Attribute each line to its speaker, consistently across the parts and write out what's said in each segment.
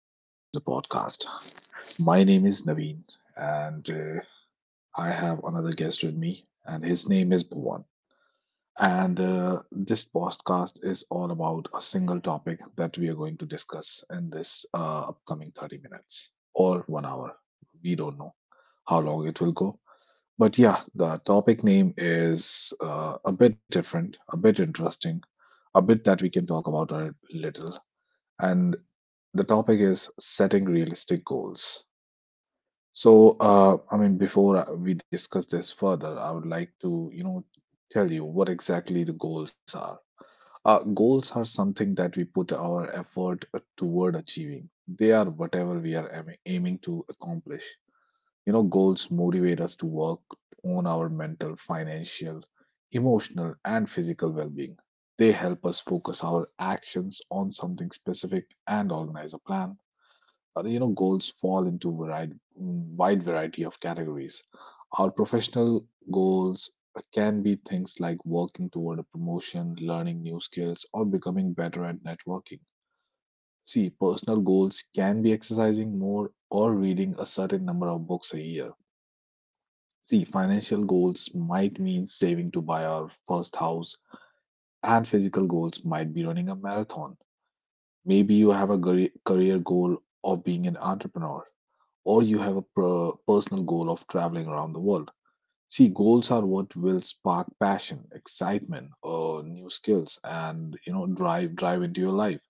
Speaker 1: Welcome to the podcast. My name is Naveen, and I have another guest with me, and his name is Bhuvan. And This podcast is all about a single topic that we are going to discuss in this upcoming 30 minutes or 1 hour. We don't know how long it will go. But yeah, the topic name is a bit different, a bit interesting, a bit that we can talk about a little. And the topic is setting realistic goals. I mean, before we discuss this further, I would like to, you know, tell you what exactly the goals are. Goals are something that we put our effort toward achieving. They are whatever we are aiming to accomplish. You know, goals motivate us to work on our mental, financial, emotional, and physical well-being. They help us focus our actions on something specific and organize a plan. You know, goals fall into wide variety of categories. Our professional goals can be things like working toward a promotion, learning new skills, or becoming better at networking. See, personal goals can be exercising more or reading a certain number of books a year. See, financial goals might mean saving to buy our first house, and physical goals might be running a marathon. Maybe you have a career goal of being an entrepreneur, or you have a personal goal of traveling around the world. See, goals are what will spark passion, excitement, new skills, and you know, drive into your life.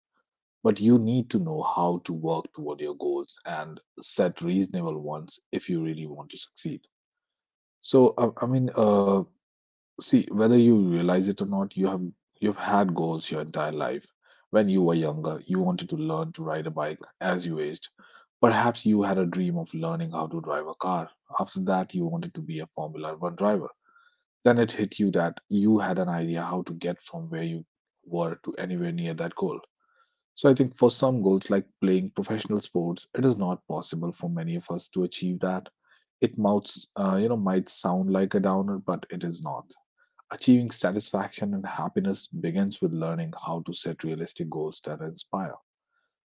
Speaker 1: But you need to know how to work toward your goals and set reasonable ones if you really want to succeed. So, I, I mean, uh, See, whether you realize it or not, you've had goals your entire life. When you were younger, you wanted to learn to ride a bike. As you aged, perhaps you had a dream of learning how to drive a car. After that, you wanted to be a Formula One driver. Then it hit you that you had an idea how to get from where you were to anywhere near that goal. So I think for some goals like playing professional sports, it is not possible for many of us to achieve that. It mouths, you know, might sound like a downer, but it is not. Achieving satisfaction and happiness begins with learning how to set realistic goals that inspire.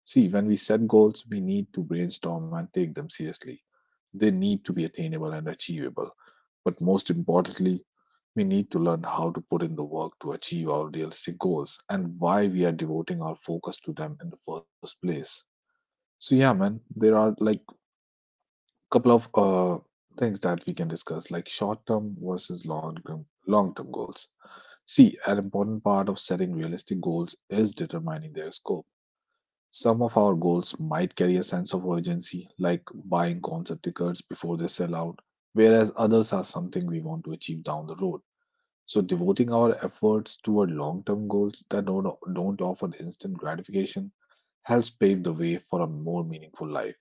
Speaker 1: See, when we set goals, we need to brainstorm and take them seriously. They need to be attainable and achievable. But most importantly, we need to learn how to put in the work to achieve our realistic goals and why we are devoting our focus to them in the first place. So, yeah, man, there are like a couple of things that we can discuss, like short term versus long term goals. See, an important part of setting realistic goals is determining their scope. Some of our goals might carry a sense of urgency, like buying concert tickets before they sell out, whereas others are something we want to achieve down the road. So, devoting our efforts toward long term goals that don't offer instant gratification helps pave the way for a more meaningful life.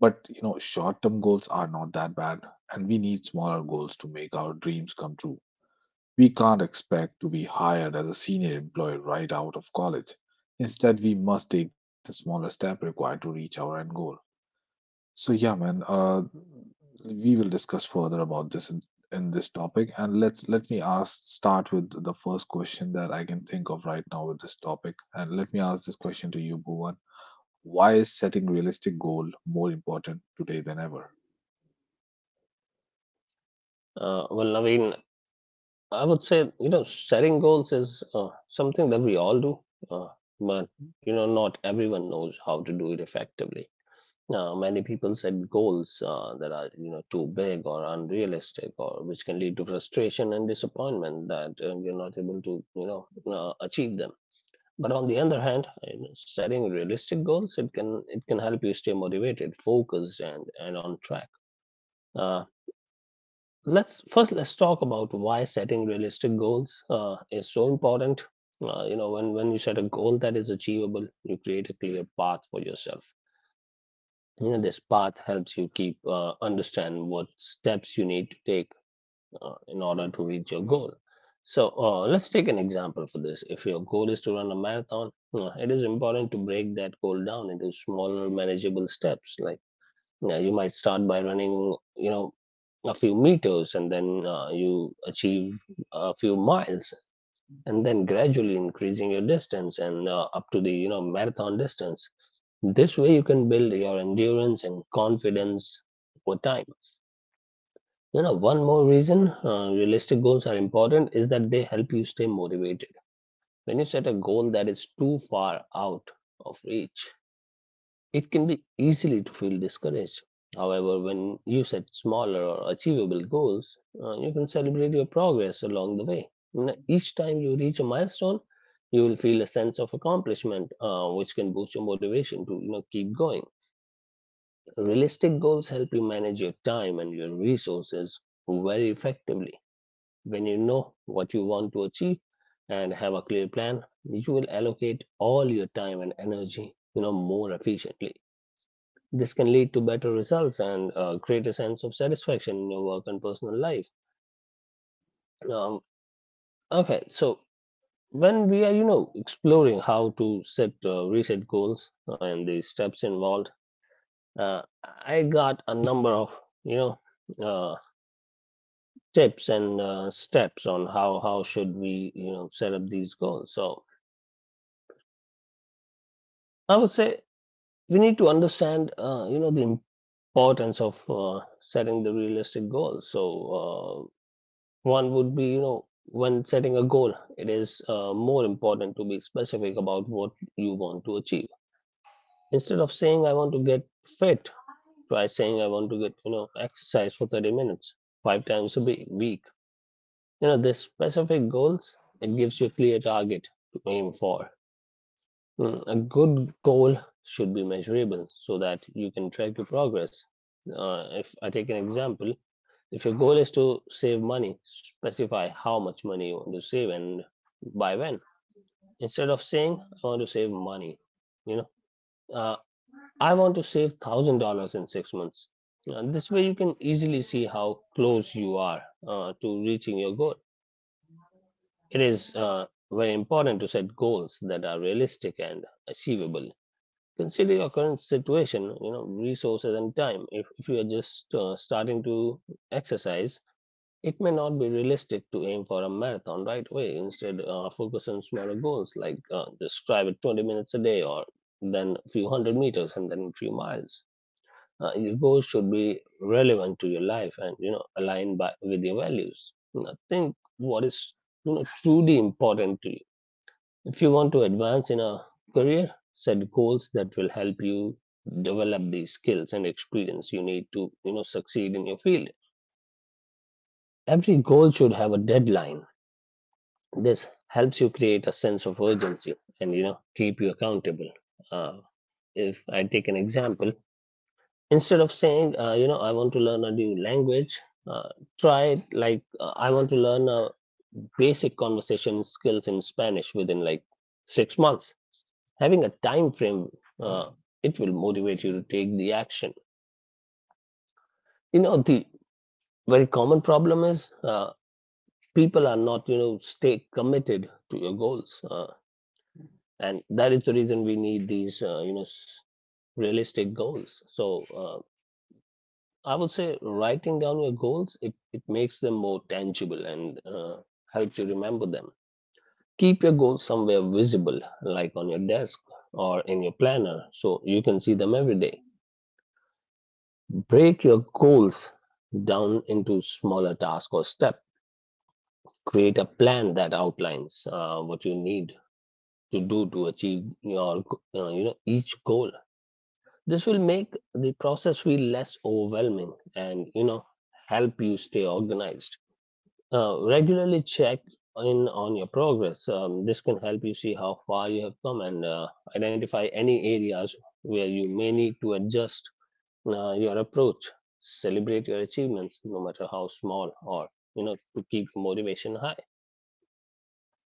Speaker 1: But, you know, short term goals are not that bad, and we need smaller goals to make our dreams come true. We can't expect to be hired as a senior employee right out of college. Instead, we must take the smaller step required to reach our end goal. So, yeah, man, uh, we will discuss further about this in this topic. And let's let me ask start with the first question that I can think of right now with this topic. And let me ask this question to you, Bhuvan. Why is setting realistic goal more important today than ever?
Speaker 2: Well, I mean, I would say, you know, setting goals is something that we all do, uh, but you know, not everyone knows how to do it effectively. Now, many people set goals that are, you know, too big or unrealistic, or which can lead to frustration and disappointment that you're not able to, you know, achieve them. But on the other hand, you know, setting realistic goals, it can help you stay motivated, focused, and on track. Uh, let's first let's talk about why setting realistic goals is so important. You know, when you set a goal that is achievable, you create a clear path for yourself. You know, this path helps you keep understand what steps you need to take in order to reach your goal. So let's take an example for this. If your goal is to run a marathon, it is important to break that goal down into smaller manageable steps. Like, you know, you might start by running, you know, a few meters, and then you achieve a few miles, and then gradually increasing your distance and up to the, you know, marathon distance. This way, you can build your endurance and confidence over time. You know, one more reason realistic goals are important is that they help you stay motivated. When you set a goal that is too far out of reach, it can be easily to feel discouraged. However, when you set smaller or achievable goals, you can celebrate your progress along the way. Each time you reach a milestone, you will feel a sense of accomplishment, which can boost your motivation to, you know, keep going. Realistic goals help you manage your time and your resources very effectively. When you know what you want to achieve and have a clear plan, you will allocate all your time and energy, you know, more efficiently. This can lead to better results and a greater sense of satisfaction in your work and personal life. Um, okay, so when we are, you know, exploring how to set reset goals and the steps involved, uh, I got a number of, you know, uh, tips and steps on how should we, you know, set up these goals. So I would say we need to understand, you know, the importance of setting the realistic goals. So uh, one would be, you know, when setting a goal, it is more important to be specific about what you want to achieve. Instead of saying, "I want to get fit," try saying, "I want to get, you know, exercise for 30 minutes, five times a week." You know, these specific goals, it gives you a clear target to aim for. Mm, a good goal should be measurable so that you can track your progress. If I take an example, if your goal is to save money, specify how much money you want to save and by when. Instead of saying, "I want to save money," you know, uh, "I want to save $1,000 in 6 months." This way, you can easily see how close you are to reaching your goal. It is very important to set goals that are realistic and achievable. Consider your current situation, you know, resources and time. If you are just starting to exercise, it may not be realistic to aim for a marathon right away. Instead, focus on smaller goals like just drive it 20 minutes a day, or then a few hundred meters and then a few miles. Your goals should be relevant to your life and, you know, aligned with your values. You know, think what is, you know, truly important to you. If you want to advance in a career, set goals that will help you develop the skills and experience you need to, you know, succeed in your field. Every goal should have a deadline. This helps you create a sense of urgency and, you know, keep you accountable. Uh, if I take an example, instead of saying, you know, "I want to learn a new language," uh, try it like, "I want to learn a basic conversation skills in Spanish within like 6 months." Having a time frame, uh, it will motivate you to take the action. You know, the very common problem is people are not, you know, stay committed to your goals. And that is the reason we need these, you know, realistic goals. So I would say writing down your goals, it makes them more tangible and helps you remember them. Keep your goals somewhere visible, like on your desk or in your planner, so you can see them every day. Break your goals down into smaller tasks or steps. Create a plan that outlines what you need to do to achieve you know, each goal. This will make the process feel less overwhelming and, you know, help you stay organized. Regularly check in on your progress. This can help you see how far you have come and identify any areas where you may need to adjust your approach. Celebrate your achievements, no matter how small, or, you know, to keep your motivation high.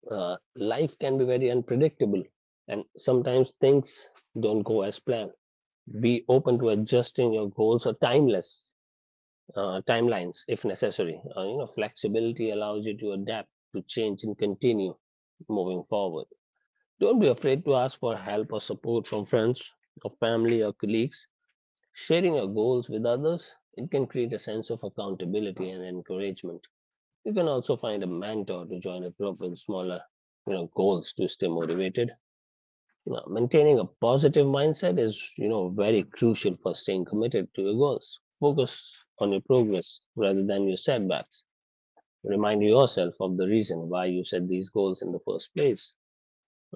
Speaker 2: Life can be very unpredictable, and sometimes things don't go as planned. Be open to adjusting your goals or timeless timelines if necessary. You know, flexibility allows you to adapt to change and continue moving forward. Don't be afraid to ask for help or support from friends or family or colleagues. Sharing your goals with others, it can create a sense of accountability and encouragement. You can also find a mentor to join a group with smaller, you know, goals to stay motivated. You know, maintaining a positive mindset is, you know, very crucial for staying committed to your goals. Focus on your progress rather than your setbacks. Remind yourself of the reason why you set these goals in the first place.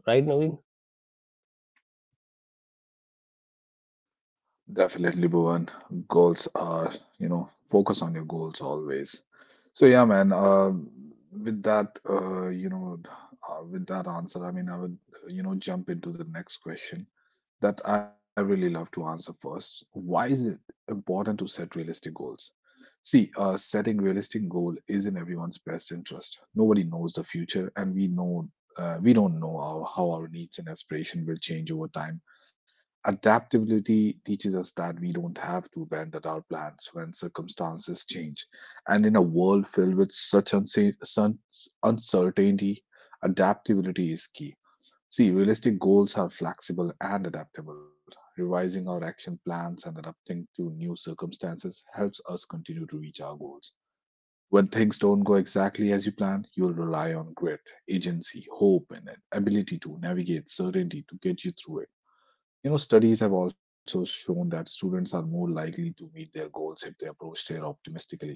Speaker 2: Right, Naveen?
Speaker 1: Definitely, Bhuvan. Goals are, you know, focus on your goals always. So yeah, man. You know, with that answer, I mean, I would, you know, jump into the next question that I really love to answer first. Why is it important to set realistic goals? See, setting realistic goal is in everyone's best interest. Nobody knows the future, and we know, we don't know how our needs and aspiration will change over time. Adaptability teaches us that we don't have to bend at our plans when circumstances change. And in a world filled with such uncertainty, adaptability is key. See, realistic goals are flexible and adaptable. Revising our action plans and adapting to new circumstances helps us continue to reach our goals. When things don't go exactly as you plan, you'll rely on grit, agency, hope, and an ability to navigate certainty to get you through it. You know, studies have also shown that students are more likely to meet their goals if they approach their optimistically.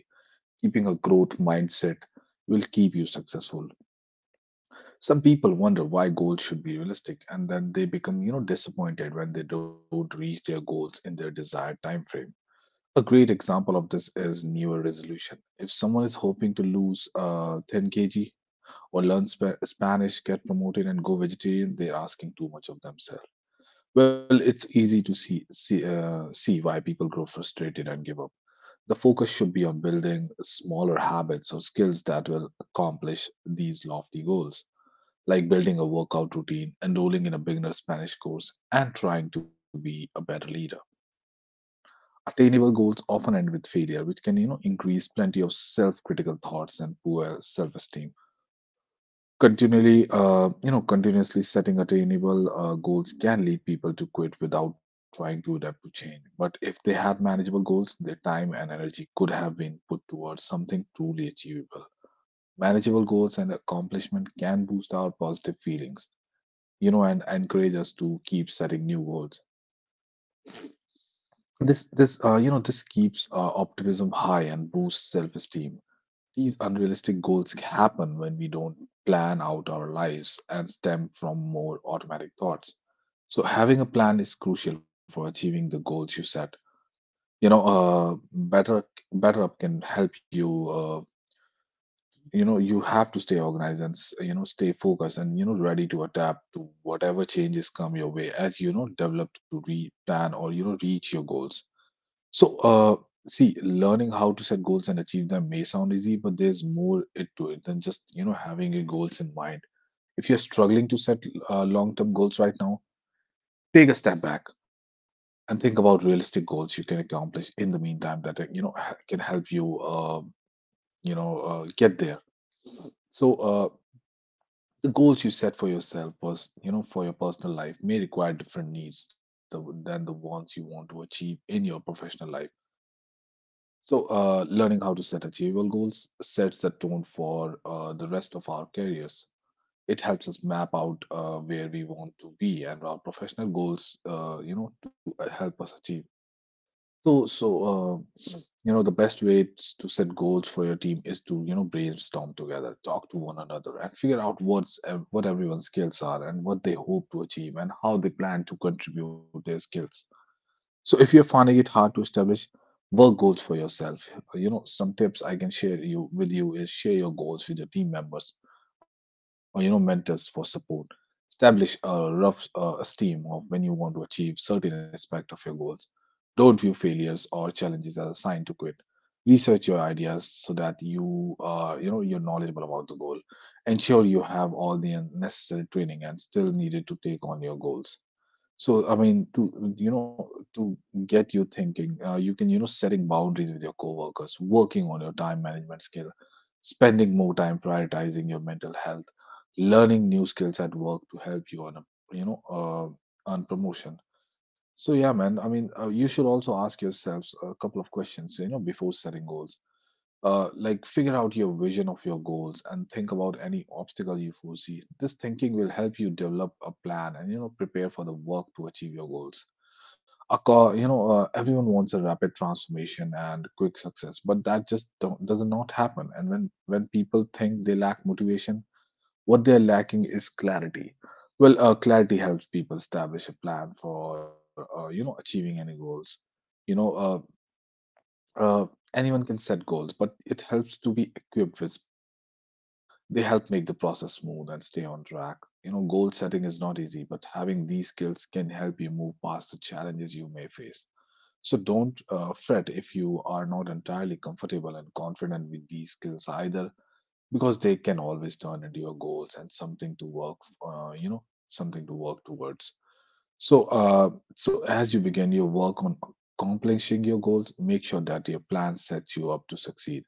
Speaker 1: Keeping a growth mindset will keep you successful. Some people wonder why goals should be realistic and then they become, you know, disappointed when they don't reach their goals in their desired time frame. A great example of this is newer resolution. If someone is hoping to lose 10 kg or learn Spanish, get promoted and go vegetarian, they're asking too much of themselves. Well, it's easy to see why people grow frustrated and give up. The focus should be on building smaller habits or skills that will accomplish these lofty goals, like building a workout routine, enrolling in a beginner Spanish course, and trying to be a better leader. Attainable goals often end with failure, which can, you know, increase plenty of self-critical thoughts and poor self-esteem. Continuously setting attainable goals can lead people to quit without trying to adapt to change. But if they had manageable goals, their time and energy could have been put towards something truly achievable. Manageable goals and accomplishment can boost our positive feelings, you know, and encourage us to keep setting new goals. This keeps optimism high and boosts self-esteem. These unrealistic goals happen when we don't plan out our lives and stem from more automatic thoughts. So, having a plan is crucial for achieving the goals you set. You know, better better up can help you. You know, you have to stay organized and you know, stay focused and you know, ready to adapt to whatever changes come your way as you know, develop to re plan or you know, reach your goals. So, uh, See, learning how to set goals and achieve them may sound easy, but there's more it to it than just, you know, having your goals in mind. If you're struggling to set long-term goals right now, take a step back and think about realistic goals you can accomplish in the meantime that, can help you, you know, get there. So, uh, the goals you set for yourself, you know, for your personal life may require different needs than the ones you want to achieve in your professional life. So, learning how to set achievable goals sets the tone for the rest of our careers. It helps us map out where we want to be and our professional goals, you know, to help us achieve. You know, the best way to set goals for your team is to, you know, brainstorm together, talk to one another, and figure out what everyone's skills are and what they hope to achieve and how they plan to contribute their skills. So if you're finding it hard to establish work goals for yourself, you know, some tips I can share you with you is share your goals with your team members or you know, mentors for support. Establish a rough esteem of when you want to achieve certain aspect of your goals. Don't view failures or challenges as a sign to quit. Research your ideas so that you are, you know, you're knowledgeable about the goal. Ensure you have all the necessary training and still needed to take on your goals. I mean, to you know, to get you thinking, you can, you know, setting boundaries with your coworkers, working on your time management skill, spending more time prioritizing your mental health, learning new skills at work to help you on a, you know, on promotion. So yeah, man, I mean, you should also ask yourselves a couple of questions, you know, before setting goals. Like figure out your vision of your goals and think about any obstacle you foresee. This thinking will help you develop a plan and you know, prepare for the work to achieve your goals. A co- you know, Everyone wants a rapid transformation and quick success, but that just don't, does not happen. And when people think they lack motivation, what they're lacking is clarity. Clarity helps people establish a plan for achieving any goals. You know, uh, uh, Anyone can set goals, but it helps to be equipped with specific skills. They help make the process smooth and stay on track. You know, goal setting is not easy, but having these skills can help you move past the challenges you may face. So don't fret if you are not entirely comfortable and confident with these skills either, because they can always turn into your goals and something to work towards. So, uh, so as you begin your work on accomplishing your goals, make sure that your plan sets you up to succeed.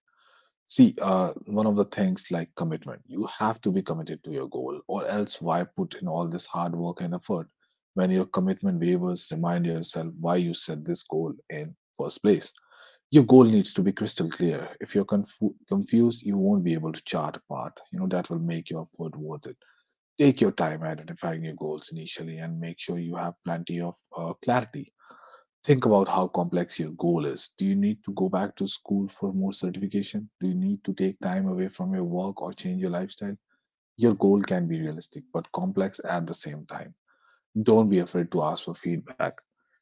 Speaker 1: See, one of the things like commitment, you have to be committed to your goal, or else why put in all this hard work and effort? When your commitment wavers, remind yourself why you set this goal in first place. Your goal needs to be crystal clear. If you're confused, you won't be able to chart a path, you know, that will make your effort worth it. Take your time identifying your goals initially and make sure you have plenty of clarity. Think about how complex your goal is. Do you need to go back to school for more certification? Do you need to take time away from your work or change your lifestyle? Your goal can be realistic but complex at the same time. Don't be afraid to ask for feedback.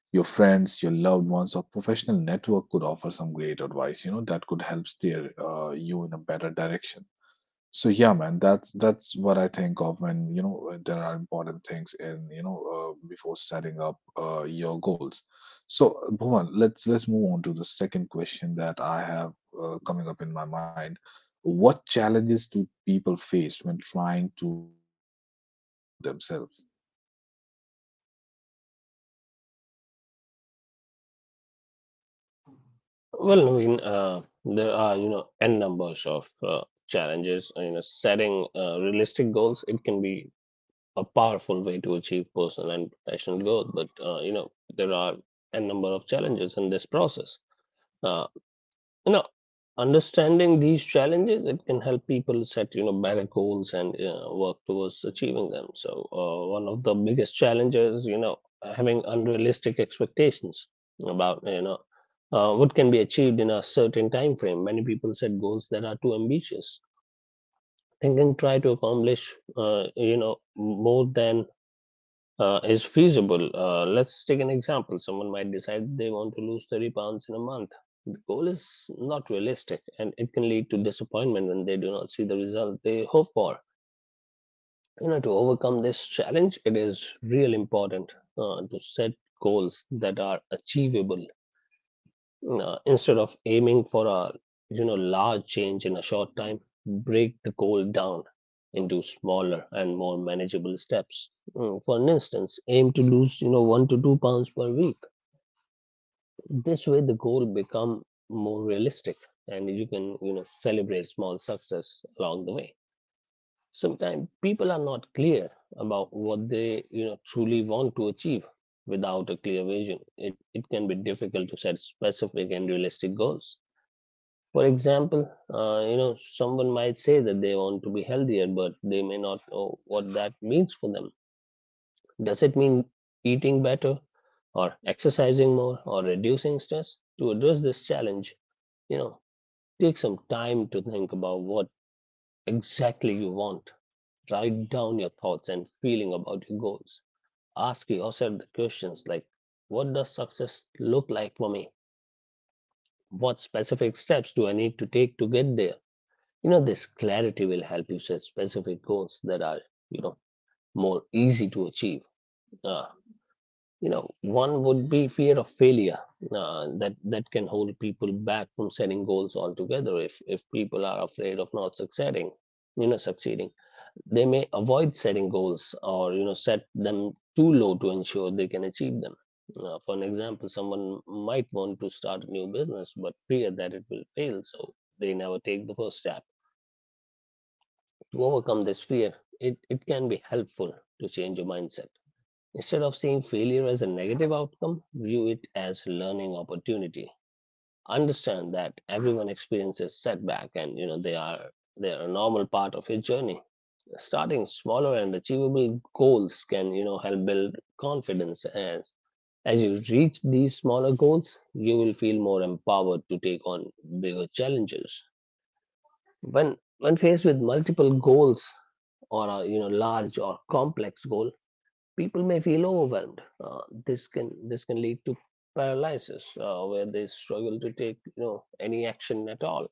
Speaker 1: Your friends, your loved ones, or professional network could offer some great advice, you know, that could help steer you in a better direction. So yeah, man, that's what I think of when, there are important things in, before setting up your goals. So Bhuvan, let's move on to the second question that I have coming up in my mind. What challenges do people face when trying to set realistic goal for themselves?
Speaker 2: Well, Naveen, there are, you know, n numbers of challenges. You know, setting realistic goals, it can be a powerful way to achieve personal and professional growth. But, you know, there are n number of challenges in this process. Uh, you know, understanding these challenges, it can help people set, you know, better goals and work towards achieving them. So one of the biggest challenges, you know, having unrealistic expectations about, you know, what can be achieved in a certain time frame. Many people set goals that are too ambitious, thinking try to accomplish, you know, more than is feasible. Let's take an example. Someone might decide they want to lose 30 pounds in a month. The goal is not realistic, and it can lead to disappointment when they do not see the result they hope for. You know, to overcome this challenge, it is real important to set goals that are achievable. Instead of aiming for a, you know, large change in a short time, break the goal down into smaller and more manageable steps. Mm, for an instance, aim to lose, you know, 1 to 2 pounds per week. This way, the goal become more realistic, and you can, you know, celebrate small success along the way. Sometimes people are not clear about what they, you know, truly want to achieve without a clear vision. It can be difficult to set specific and realistic goals. For example, you know, someone might say that they want to be healthier, but they may not know what that means for them. Does it mean eating better, or exercising more, or reducing stress? To address this challenge, you know, take some time to think about what exactly you want. Write down your thoughts and feeling about your goals. Ask yourself the questions like, what does success look like for me? What specific steps do I need to take to get there? You know, this clarity will help you set specific goals that are, you know, more easy to achieve. uh, you know, one would be fear of failure, that can hold people back from setting goals altogether. If people are afraid of not succeeding you know succeeding, they may avoid setting goals or, you know, set them too low to ensure they can achieve them. For an example, someone might want to start a new business but fear that it will fail, so they never take the first step. To overcome this fear, it can be helpful to change your mindset. Instead of seeing failure as a negative outcome, view it as learning opportunity. Understand that everyone experiences setback and they are a normal part of your journey. Starting smaller and achievable goals can help build confidence as you reach these smaller goals, you will feel more empowered to take on bigger challenges. When faced with multiple goals or a large or complex goal, people may feel overwhelmed. This can lead to paralysis where they struggle to take any action at all.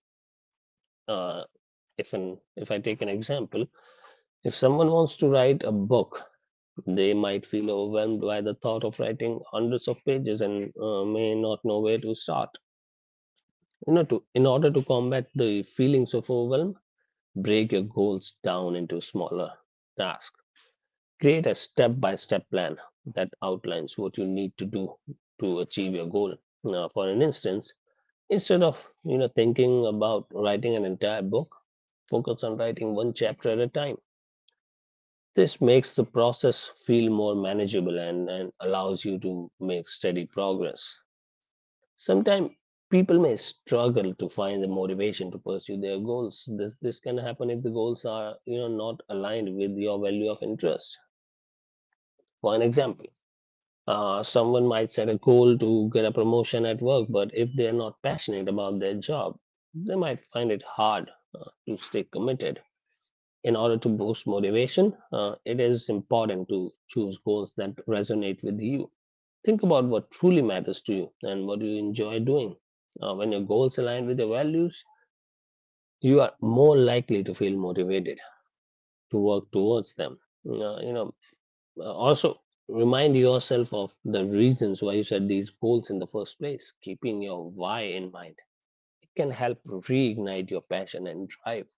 Speaker 2: Uh, if I take an example, if someone wants to write a book, they might feel overwhelmed by the thought of writing hundreds of pages and may not know where to start. You know, to In order to combat the feelings of overwhelm, break your goals down into smaller tasks. Create a step by step plan that outlines what you need to do to achieve your goal. Now, for an instance, instead of thinking about writing an entire book, focus on writing one chapter at a time. This makes the process feel more manageable and allows you to make steady progress. Sometimes people may struggle to find the motivation to pursue their goals. This can happen if the goals are not aligned with your value of interest. For an example, someone might set a goal to get a promotion at work, but if they're not passionate about their job, they might find it hard to stay committed. In order to boost motivation, it is important to choose goals that resonate with you. Think about what truly matters to you and what you enjoy doing. When your goals align with your values, you are more likely to feel motivated to work towards them. You know, also, remind yourself of the reasons why you set these goals in the first place. Keeping your why in mind, it can help reignite your passion and drive.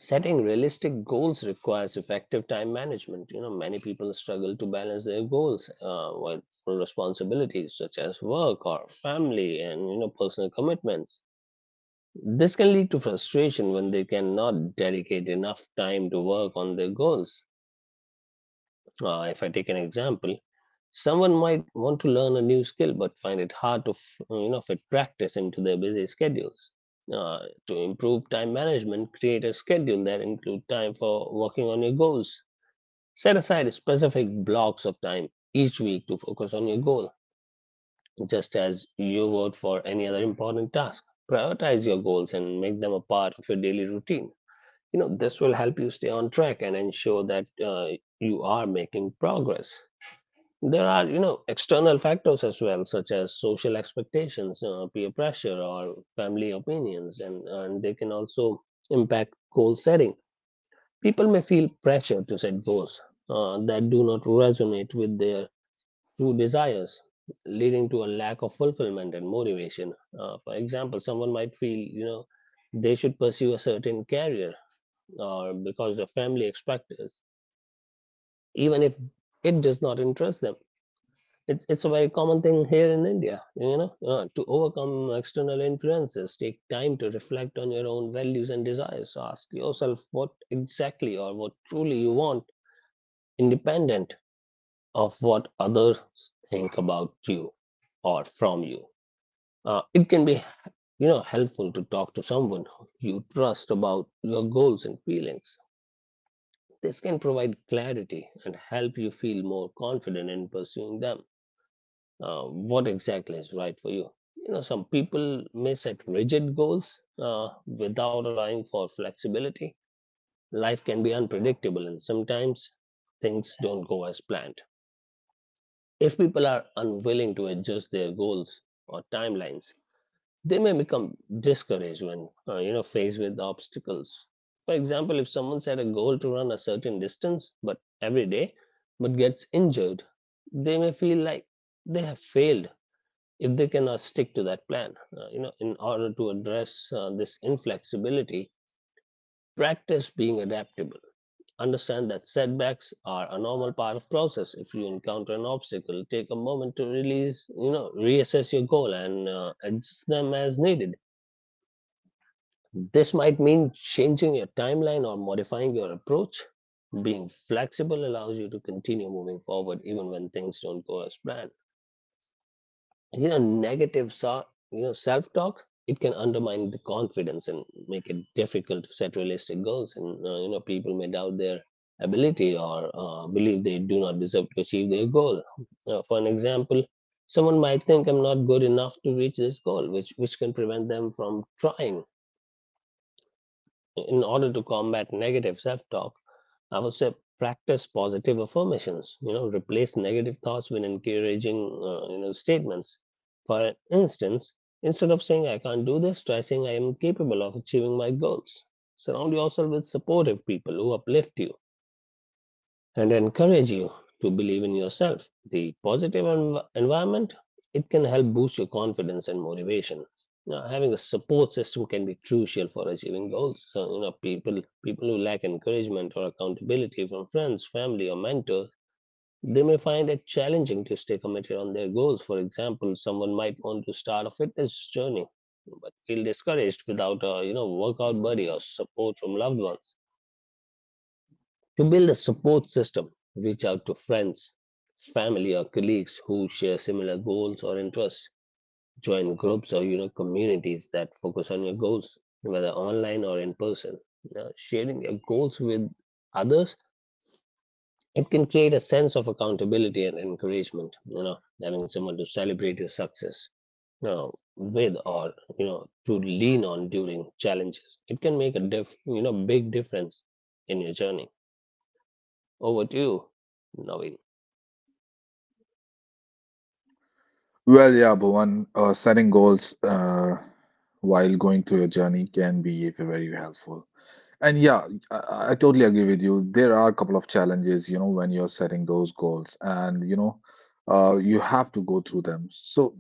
Speaker 2: Setting realistic goals requires effective time management. You know, many people struggle to balance their goals with full responsibilities such as work or family and personal commitments. This can lead to frustration when they cannot dedicate enough time to work on their goals. If I take an example, someone might want to learn a new skill but find it hard to fit practice into their busy schedules. Uh, to improve time management, create a schedule that includes time for working on your goals. Set aside specific blocks of time each week to focus on your goal, just as you would for any other important task. Prioritize your goals and make them a part of your daily routine. You know, this will help you stay on track and ensure that you are making progress. There are, you know, external factors as well, such as social expectations, peer pressure, or family opinions, and they can also impact goal setting. People may feel pressure to set goals that do not resonate with their true desires, leading to a lack of fulfillment and motivation. For example, someone might feel, you know, they should pursue a certain career or because the family expects, even if it does not interest them. It's a very common thing here in India, you know. To overcome external influences, take time to reflect on your own values and desires. So ask yourself what exactly or what truly you want, independent of what others think about you or from you. It can be, you know, helpful to talk to someone you trust about your goals and feelings. This can provide clarity and help you feel more confident in pursuing them, what exactly is right for you. You know, some people may set rigid goals without allowing for flexibility. Life can be unpredictable, and sometimes things don't go as planned. If people are unwilling to adjust their goals or timelines, they may become discouraged when faced with obstacles. For example, if someone set a goal to run a certain distance, but every day, but gets injured, they may feel like they have failed if they cannot stick to that plan. You know, in order to address this inflexibility, practice being adaptable. Understand that setbacks are a normal part of process. If you encounter an obstacle, take a moment to release, you know, reassess your goal and adjust them as needed. This might mean changing your timeline or modifying your approach. Being flexible allows you to continue moving forward even when things don't go as planned. And, you know negative so, you know Self talk, it can undermine the confidence and make it difficult to set realistic goals, and you know, people may doubt their ability or believe they do not deserve to achieve their goal. For an example, someone might think, I'm not good enough to reach this goal, which can prevent them from trying. In order to combat negative self-talk, I would say practice positive affirmations. You know, replace negative thoughts with encouraging, statements. For instance, instead of saying I can't do this, try saying I am capable of achieving my goals. Surround yourself with supportive people who uplift you and encourage you to believe in yourself. The positive environment, it can help boost your confidence and motivation. Now, having a support system can be crucial for achieving goals. So, you know, people who lack encouragement or accountability from friends, family, or mentors, they may find it challenging to stay committed on their goals. For example, someone might want to start a fitness journey, but feel discouraged without a workout buddy or support from loved ones. To build a support system, reach out to friends, family, or colleagues who share similar goals or interests. Join groups or communities that focus on your goals, whether online or in person. Now, sharing your goals with others, it can create a sense of accountability and encouragement. You know, having someone to celebrate your success, you know, with or to lean on during challenges, it can make a big difference in your journey. Over to you, Naveen.
Speaker 1: Well, yeah, Bhuvan, setting goals while going through a journey can be very helpful. And yeah, I totally agree with you. There are a couple of challenges, you know, when you're setting those goals, and you have to go through them. So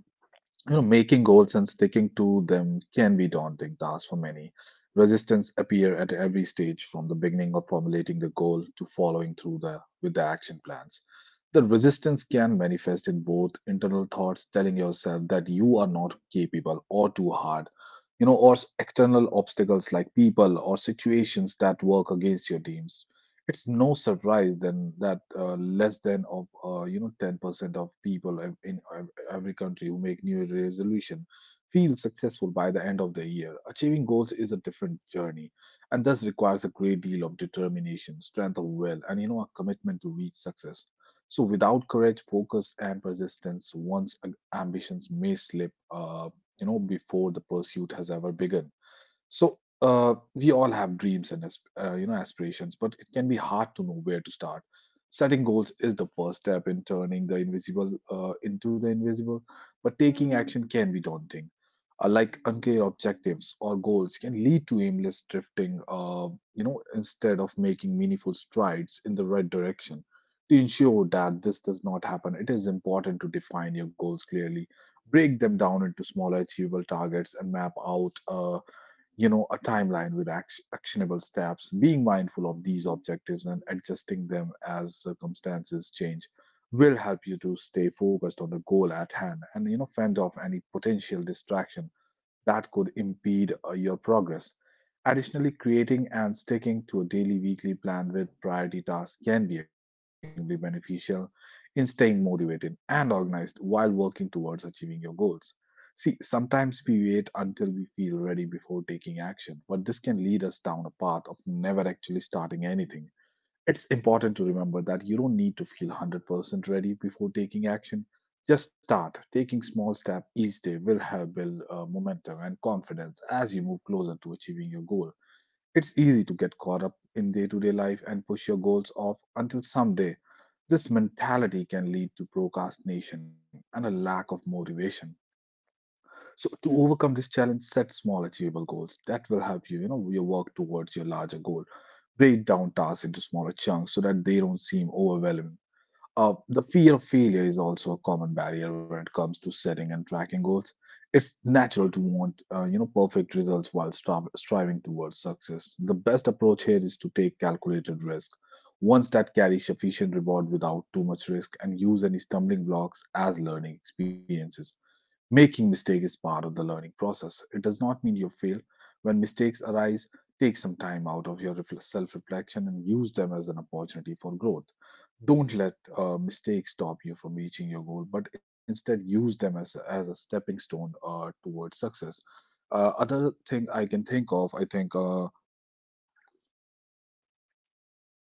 Speaker 1: you know, making goals and sticking to them can be daunting task for many. Resistance appear at every stage, from the beginning of formulating the goal to following through the with the action plans. The resistance can manifest in both internal thoughts telling yourself that you are not capable or too hard, you know, or external obstacles like people or situations that work against your dreams. It's no surprise then that less than of you know 10% of people in every country who make new Year resolution feel successful by the end of the year. Achieving goals is a different journey and thus requires a great deal of determination, strength of will, and you know a commitment to reach success. So without courage, focus, and persistence, ambitions may slip, you know, before the pursuit has ever begun. So we all have dreams and you know aspirations, but it can be hard to know where to start. Setting goals is the first step in turning the invisible into the invisible, but taking action can be daunting. Like unclear objectives or goals can lead to aimless drifting, you know, instead of making meaningful strides in the right direction. To ensure that this does not happen, it is important to define your goals clearly break them down into smaller achievable targets and map out you know a timeline with actionable steps being mindful of these objectives and adjusting them as circumstances change will help you to stay focused on the goal at hand and you know fend off any potential distraction that could impede your progress. Additionally, creating and sticking to a daily weekly plan with priority tasks can be extremely beneficial in staying motivated and organized while working towards achieving your goals. See, sometimes we wait until we feel ready before taking action, but this can lead us down a path of never actually starting anything. It's important to remember that you don't need to feel 100% ready before taking action. Just start. Taking small steps each day will help build momentum and confidence as you move closer to achieving your goal. It's easy to get caught up in day to day life and push your goals off until someday. This mentality can lead to procrastination and a lack of motivation. So, to overcome this challenge, set small, achievable goals that will help you, you know, your work towards your larger goal break down tasks into smaller chunks so that they don't seem overwhelming. The fear of failure is also a common barrier when it comes to setting and tracking goals. It's natural to want, you know, perfect results while striving towards success. The best approach here is to take calculated risk, ones that carry sufficient reward without too much risk, and use any stumbling blocks as learning experiences. Making mistake is part of the learning process. It does not mean you fail. When mistakes arise, take some time out of your self-reflection and use them as an opportunity for growth. Don't let mistakes stop you from reaching your goal, but instead use them as a stepping stone towards success. Other thing I can think of, I think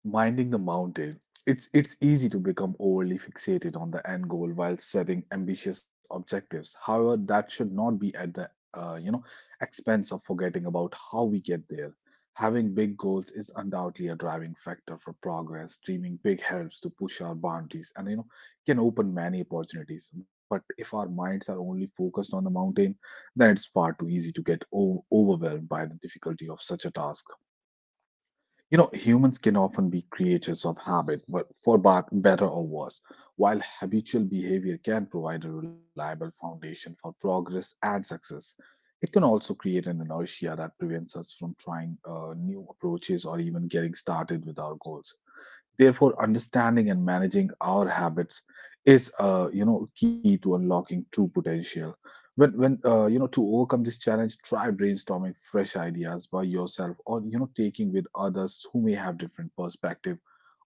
Speaker 1: minding the mountain. It's easy to become overly fixated on the end goal while setting ambitious objectives. However, that should not be at the uh, you know expense of forgetting about how we get there. Having big goals is undoubtedly a driving factor for progress. Dreaming big helps to push our boundaries and you know can open many opportunities. But if our minds are only focused on the mountain, then it's far too easy to get overwhelmed by the difficulty of such a task. You know, humans can often be creatures of habit, but for bad, better or worse, while habitual behavior can provide a reliable foundation for progress and success, it can also create an inertia that prevents us from trying new approaches or even getting started with our goals. Therefore, understanding and managing our habits is, you know, key to unlocking true potential. When you know, to overcome this challenge, try brainstorming fresh ideas by yourself, or you know, taking with others who may have different perspective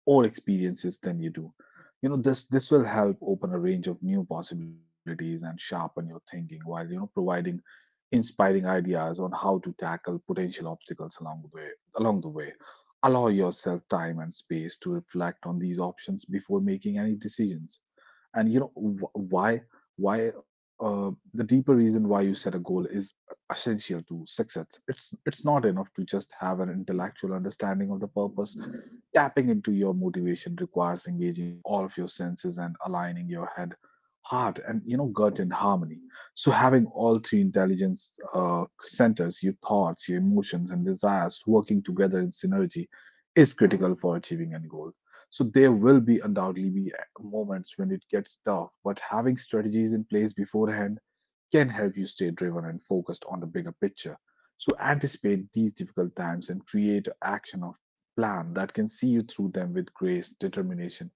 Speaker 1: or experiences than you do. You know, this will help open a range of new possibilities and sharpen your thinking while you know providing inspiring ideas on how to tackle potential obstacles along the way allow yourself time and space to reflect on these options before making any decisions and you know wh- why the deeper reason why you set a goal is essential to success it's not enough to just have an intellectual understanding of the purpose tapping into your motivation requires engaging all of your senses and aligning your head heart and you know gut in harmony so having all three intelligence centers your thoughts your emotions and desires working together in synergy is critical for achieving any goal so there will be undoubtedly be moments when it gets tough, but having strategies in place beforehand can help you stay driven and focused on the bigger picture. So anticipate these difficult times and create an action or plan that can see you through them with grace, determination,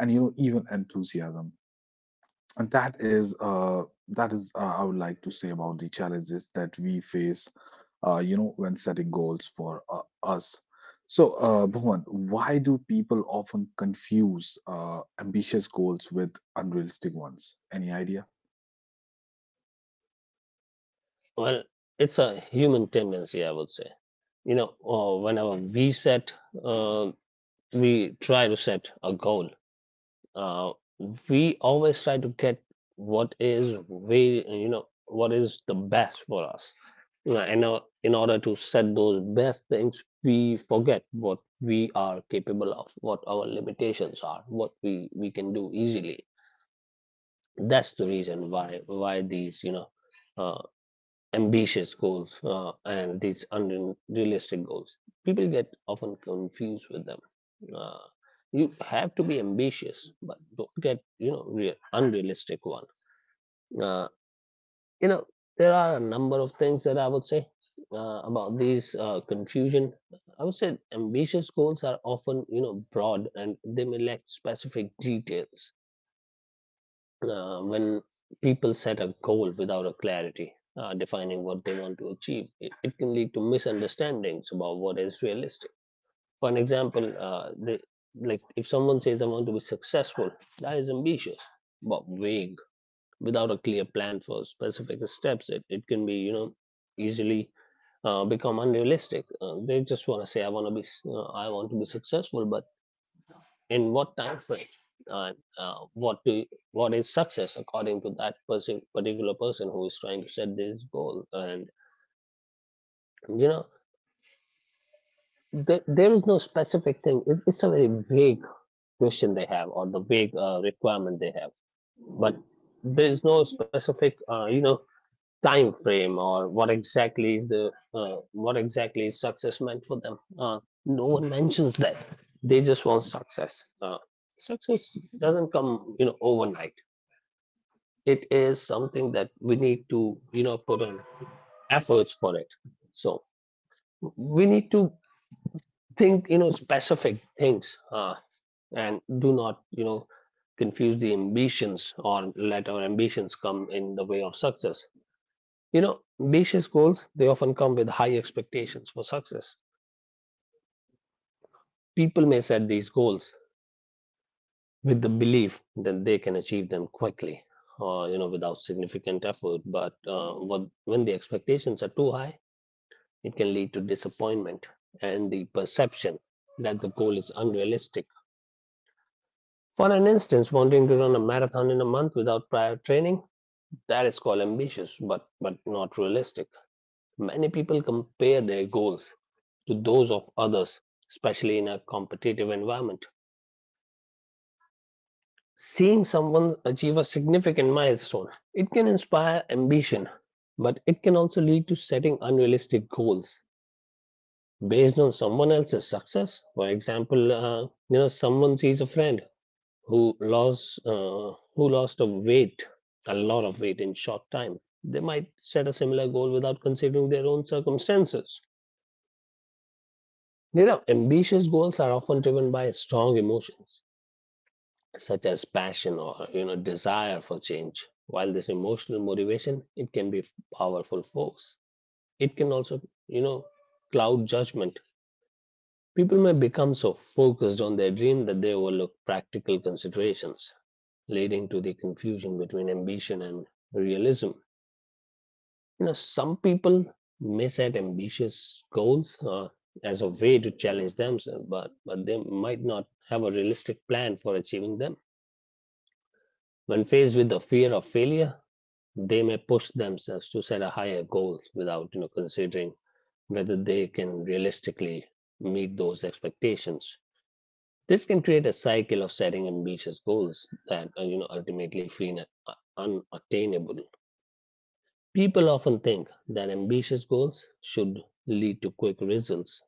Speaker 1: and you know even enthusiasm. And that is That is I would like to say about the challenges that we face you know when setting goals for us. So Bhuvan, why do people often confuse ambitious goals with unrealistic ones? Any idea?
Speaker 2: Well, it's a human tendency, I would say. You know, uh, we try to set a goal. Uh, we always try to get what is way, you know, what is the best for us. You know, and in order to set those best things, we forget what we are capable of, what our limitations are, what we can do easily. That's the reason why these, you know, uh, ambitious goals and these unrealistic goals, people get often confused with them. Uh, you have to be ambitious, but don't get real unrealistic one. Uh, you know, there are a number of things that I would say about these confusion. I would say ambitious goals are often broad and they may lack specific details when people set a goal without a clarity defining what they want to achieve, it can lead to misunderstandings about what is realistic. For an example, like if someone says, I want to be successful, that is ambitious, but vague. Without a clear plan for specific steps, it can be, you know, easily become unrealistic. They just want to say, I want to be, I want to be successful, but in what time frame and what is success according to that person particular person who is trying to set this goal? And you know there is no specific thing, it, it's a very vague question they have or the vague requirement they have, but there is no specific time frame or what exactly is success meant for them. No one mentions that, they just want success. Success doesn't come, you know, overnight. It is something that we need to, you know, put on efforts for it. So we need to think, you know, specific things, and do not, you know, confuse the ambitions or let our ambitions come in the way of success. You know, ambitious goals, they often come with high expectations for success. People may set these goals with the belief that they can achieve them quickly or without significant effort. But when the expectations are too high, it can lead to disappointment and the perception that the goal is unrealistic. For an instance, wanting to run a marathon in a month without prior training, that is called ambitious, but not realistic. Many people compare their goals to those of others, especially in a competitive environment. Seeing someone achieve a significant milestone, it can inspire ambition, but it can also lead to setting unrealistic goals based on someone else's success. For example, someone sees a friend who lost a weight, a lot of weight in short time. They might set a similar goal without considering their own circumstances. You know, ambitious goals are often driven by strong emotions such as passion or desire for change. While this emotional motivation, it can be powerful force. It can also you know cloud judgment. People may become so focused on their dream that they overlook practical considerations, leading to the confusion between ambition and realism. You know, some people may set ambitious goals as a way to challenge themselves, but they might not have a realistic plan for achieving them. When faced with the fear of failure, they may push themselves to set a higher goal without considering whether they can realistically meet those expectations. This can create a cycle of setting ambitious goals that ultimately feel unattainable. People often think that ambitious goals should lead to quick results.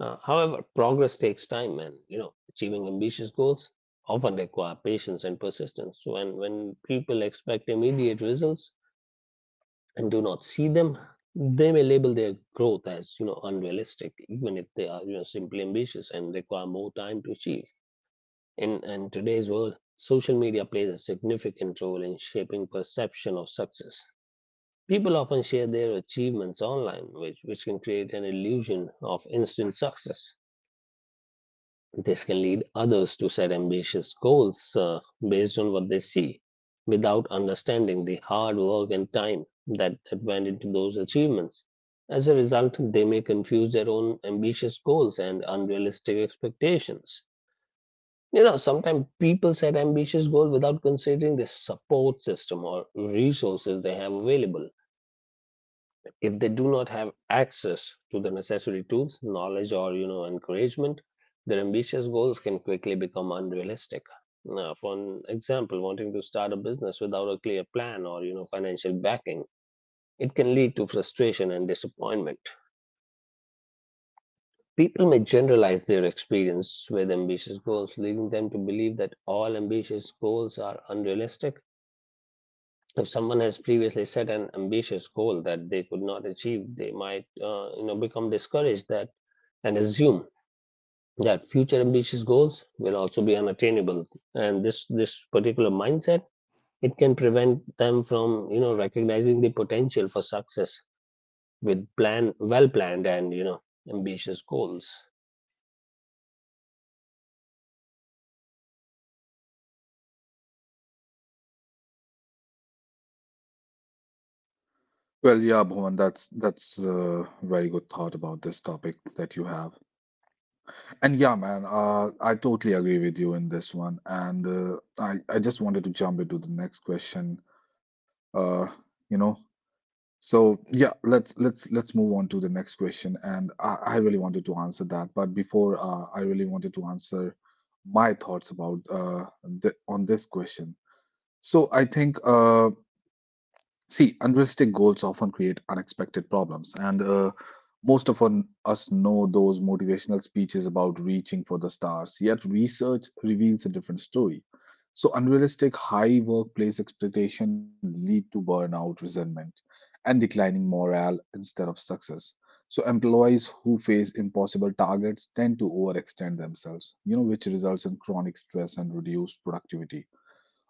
Speaker 2: However, progress takes time, and achieving ambitious goals often require patience and persistence. So when people expect immediate results and do not see them, they may label their growth as unrealistic, even if they are simply ambitious and require more time to achieve. In today's world, social media plays a significant role in shaping perception of success. People often share their achievements online, which can create an illusion of instant success. This can lead others to set ambitious goals based on what they see, without understanding the hard work and time that went into those achievements. As a result, they may confuse their own ambitious goals and unrealistic expectations. You know, sometimes people set ambitious goals without considering the support system or resources they have available. If they do not have access to the necessary tools, knowledge, or encouragement, their ambitious goals can quickly become unrealistic. Now, for an example, wanting to start a business without a clear plan or financial backing, it can lead to frustration and disappointment. People may generalize their experience with ambitious goals, leading them to believe that all ambitious goals are unrealistic. If someone has previously set an ambitious goal that they could not achieve, they might, become discouraged that and assume that future ambitious goals will also be unattainable. And this particular mindset it can prevent them from, recognizing the potential for success with plan well planned and ambitious goals.
Speaker 1: Well, yeah, Bhuvan, that's a very good thought about this topic that you have. And yeah, man, I totally agree with you in this one. And I just wanted to jump into the next question. Uh, you know, So yeah, let's move on to the next question, and I really wanted to answer that, but before I really wanted to answer my thoughts about on this question. So I think see, unrealistic goals often create unexpected problems, and most of us know those motivational speeches about reaching for the stars, yet, research reveals a different story. So, unrealistic high workplace expectation lead to burnout, resentment, and declining morale instead of success. So, employees who face impossible targets tend to overextend themselves, you know, which results in chronic stress and reduced productivity.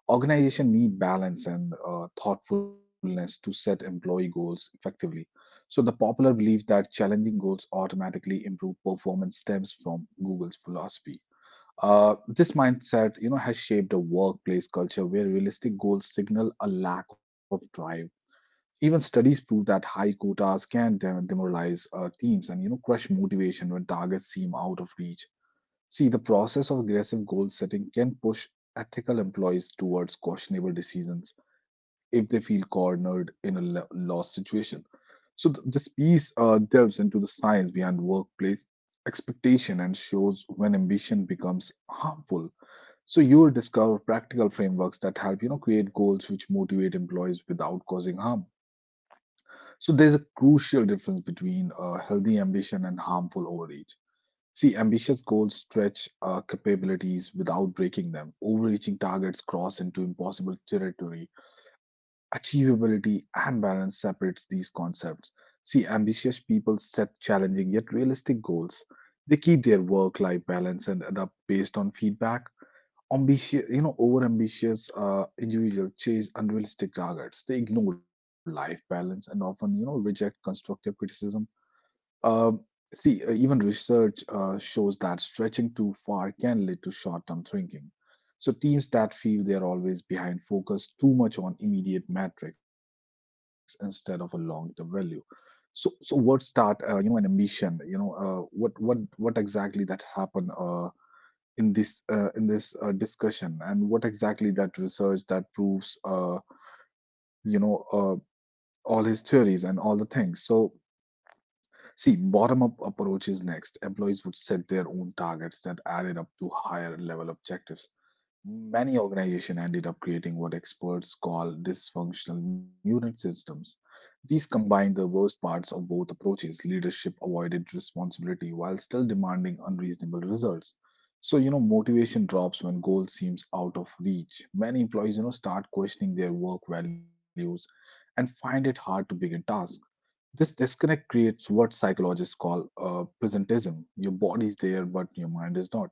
Speaker 1: Organization need balance and thoughtfulness to set employee goals effectively. So the popular belief that challenging goals automatically improve performance stems from Google's philosophy. Uh, this mindset, you know, has shaped a workplace culture where realistic goals signal a lack of drive. Even studies prove that high quotas can demoralize teams and, you know, crush motivation when targets seem out of reach. See, the process of aggressive goal setting can push ethical employees towards questionable decisions if they feel cornered in a loss situation. So, this piece delves into the science behind workplace expectation and shows when ambition becomes harmful. So, you will discover practical frameworks that help, you know, create goals which motivate employees without causing harm. So, there's a crucial difference between healthy ambition and harmful overreach. See, ambitious goals stretch capabilities without breaking them. Overreaching targets cross into impossible territory. Achievability and balance separates these concepts. See, ambitious people set challenging yet realistic goals. They keep their work-life balance and adapt based on feedback. Ambitious, you know, overambitious individuals chase unrealistic targets. They ignore life balance and often, you know, reject constructive criticism. um, See, even research shows that stretching too far can lead to short-term thinking. So teams that feel they're always behind focus too much on immediate metrics instead of a long-term value. So, so words start, you know, an ambition. You know, what exactly that happened in this discussion, and what exactly that research that proves, you know, uh, all his theories and all the things. So see, bottom-up approach is next. Employees would set their own targets that added up to higher level objectives. Many organizations ended up creating what experts call dysfunctional mutant systems. These combined the worst parts of both approaches. Leadership avoided responsibility while still demanding unreasonable results. So, you know, motivation drops when goal seems out of reach. Many employees, you know, start questioning their work values and find it hard to begin tasks. This disconnect creates what psychologists call presentism. Your body's there, but your mind is not.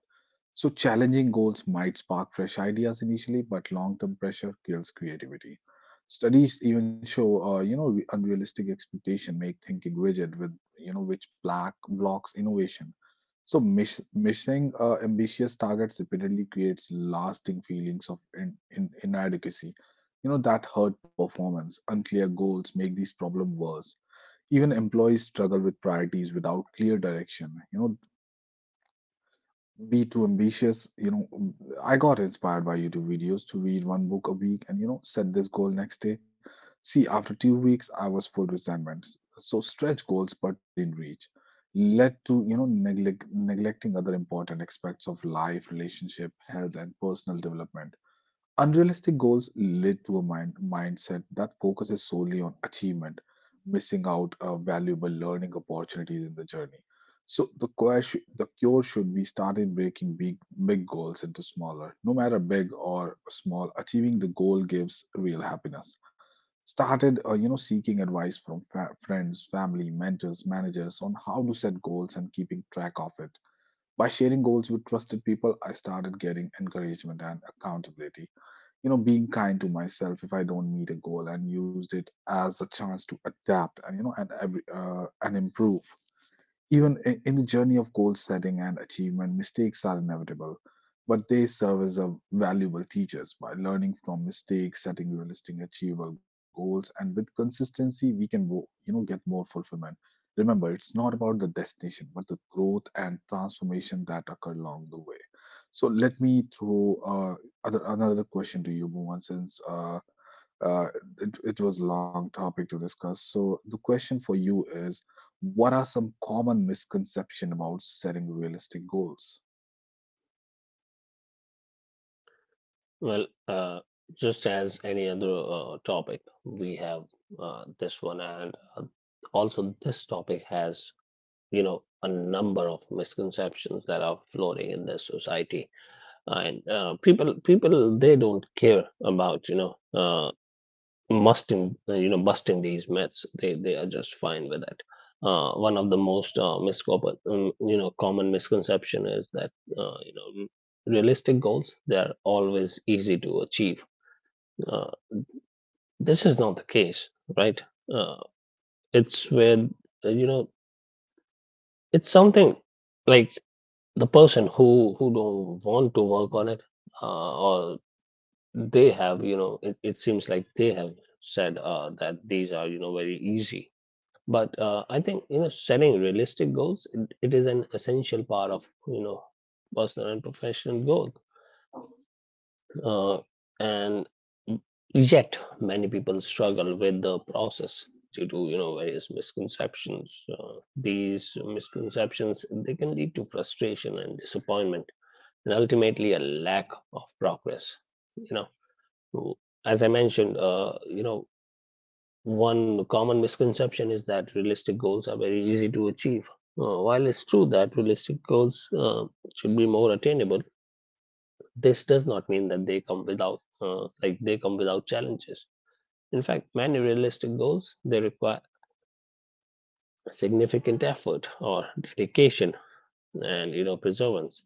Speaker 1: So, challenging goals might spark fresh ideas initially, but long term pressure kills creativity. Studies even show, you know, unrealistic expectation make thinking rigid, with, you know, which black blocks innovation. So, missing ambitious targets repeatedly creates lasting feelings of inadequacy. You know that hurt performance. Unclear goals make these problems worse. Even employees struggle with priorities without clear direction, you know, be too ambitious, you know. I got inspired by YouTube videos to read one book a week and, you know, set this goal next day. See, after 2 weeks I was full resentment. So stretch goals but within reach led to, you know, neglecting other important aspects of life, relationship, health, and personal development. Unrealistic goals lead to a mindset that focuses solely on achievement, missing out valuable learning opportunities in the journey. So the cure should be starting breaking big goals into smaller, no matter big or small. Achieving the goal gives real happiness. Started, you know, seeking advice from friends, family, mentors, managers on how to set goals and keeping track of it. By sharing goals with trusted people, I started getting encouragement and accountability, you know, being kind to myself if I don't meet a goal and used it as a chance to adapt and, you know, and every and improve. Even in the journey of goal setting and achievement, mistakes are inevitable, but they serve as a valuable teachers. By learning from mistakes, setting realistic, achievable goals, and with consistency, we can, you know, get more fulfillment. Remember, it's not about the destination, but the growth and transformation that occur along the way. So let me throw another question to you, Bhuvan, since uh, it, it was a long topic to discuss. So the question for you is, what are some common misconceptions about setting realistic goals?
Speaker 2: Well, just as any other topic, we have this one and also this topic has a number of misconceptions that are floating in this society and people they don't care about musting busting these myths. They are just fine with it. One of the most common misconception is that uh, you know realistic goals they are always easy to achieve. uh, this is not the case, right? uh, it's where uh, you know it's something like the person who don't want to work on it, or they have it seems like they have said that these are very easy. But I think setting realistic goals it is an essential part of personal and professional growth, uh, and yet many people struggle with the process due to various misconceptions. These misconceptions they can lead to frustration and disappointment and ultimately a lack of progress. You know, as I mentioned, one common misconception is that realistic goals are very easy to achieve. While it's true that realistic goals should be more attainable, this does not mean that they come without they come without challenges. In fact, many realistic goals they require significant effort or dedication and perseverance.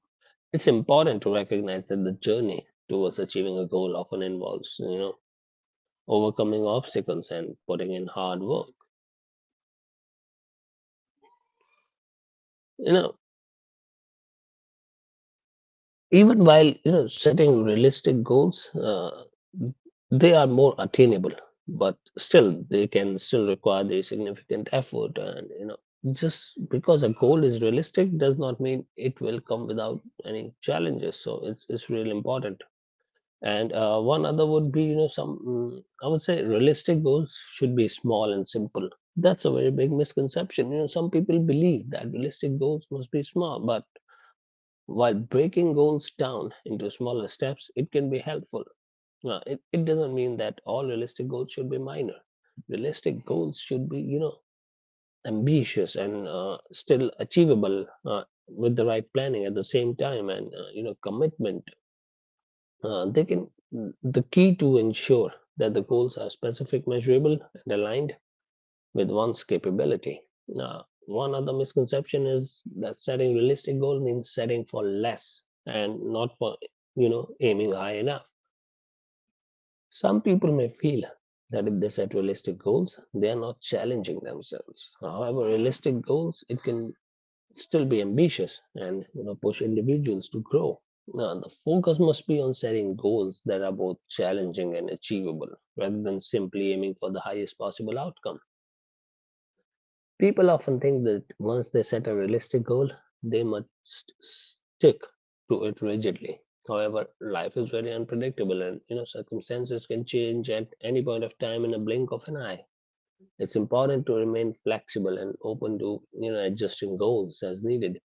Speaker 2: It's important to recognize that the journey towards achieving a goal often involves overcoming obstacles and putting in hard work. you know Even while setting realistic goals they are more attainable, but still they can still require the significant effort, and just because a goal is realistic does not mean it will come without any challenges. So it's really important. And one other would be, you know, I would say realistic goals should be small and simple. That's a very big misconception. You know, some people believe that realistic goals must be small, but while breaking goals down into smaller steps, it can be helpful. Now, it doesn't mean that all realistic goals should be minor. Realistic goals should be, you know, ambitious and still achievable with the right planning at the same time and, you know, commitment. uh, they can the key to ensure that the goals are specific, measurable, and aligned with one's capability. Now, one other misconception is that setting realistic goals means setting for less and not for aiming high enough. Some people may feel that if they set realistic goals, they are not challenging themselves. However, realistic goals it can still be ambitious and push individuals to grow. Now, the focus must be on setting goals that are both challenging and achievable rather than simply aiming for the highest possible outcome. People often think that once they set a realistic goal they must stick to it rigidly. However, life is very unpredictable and circumstances can change at any point of time in a blink of an eye. It's important to remain flexible and open to adjusting goals as needed.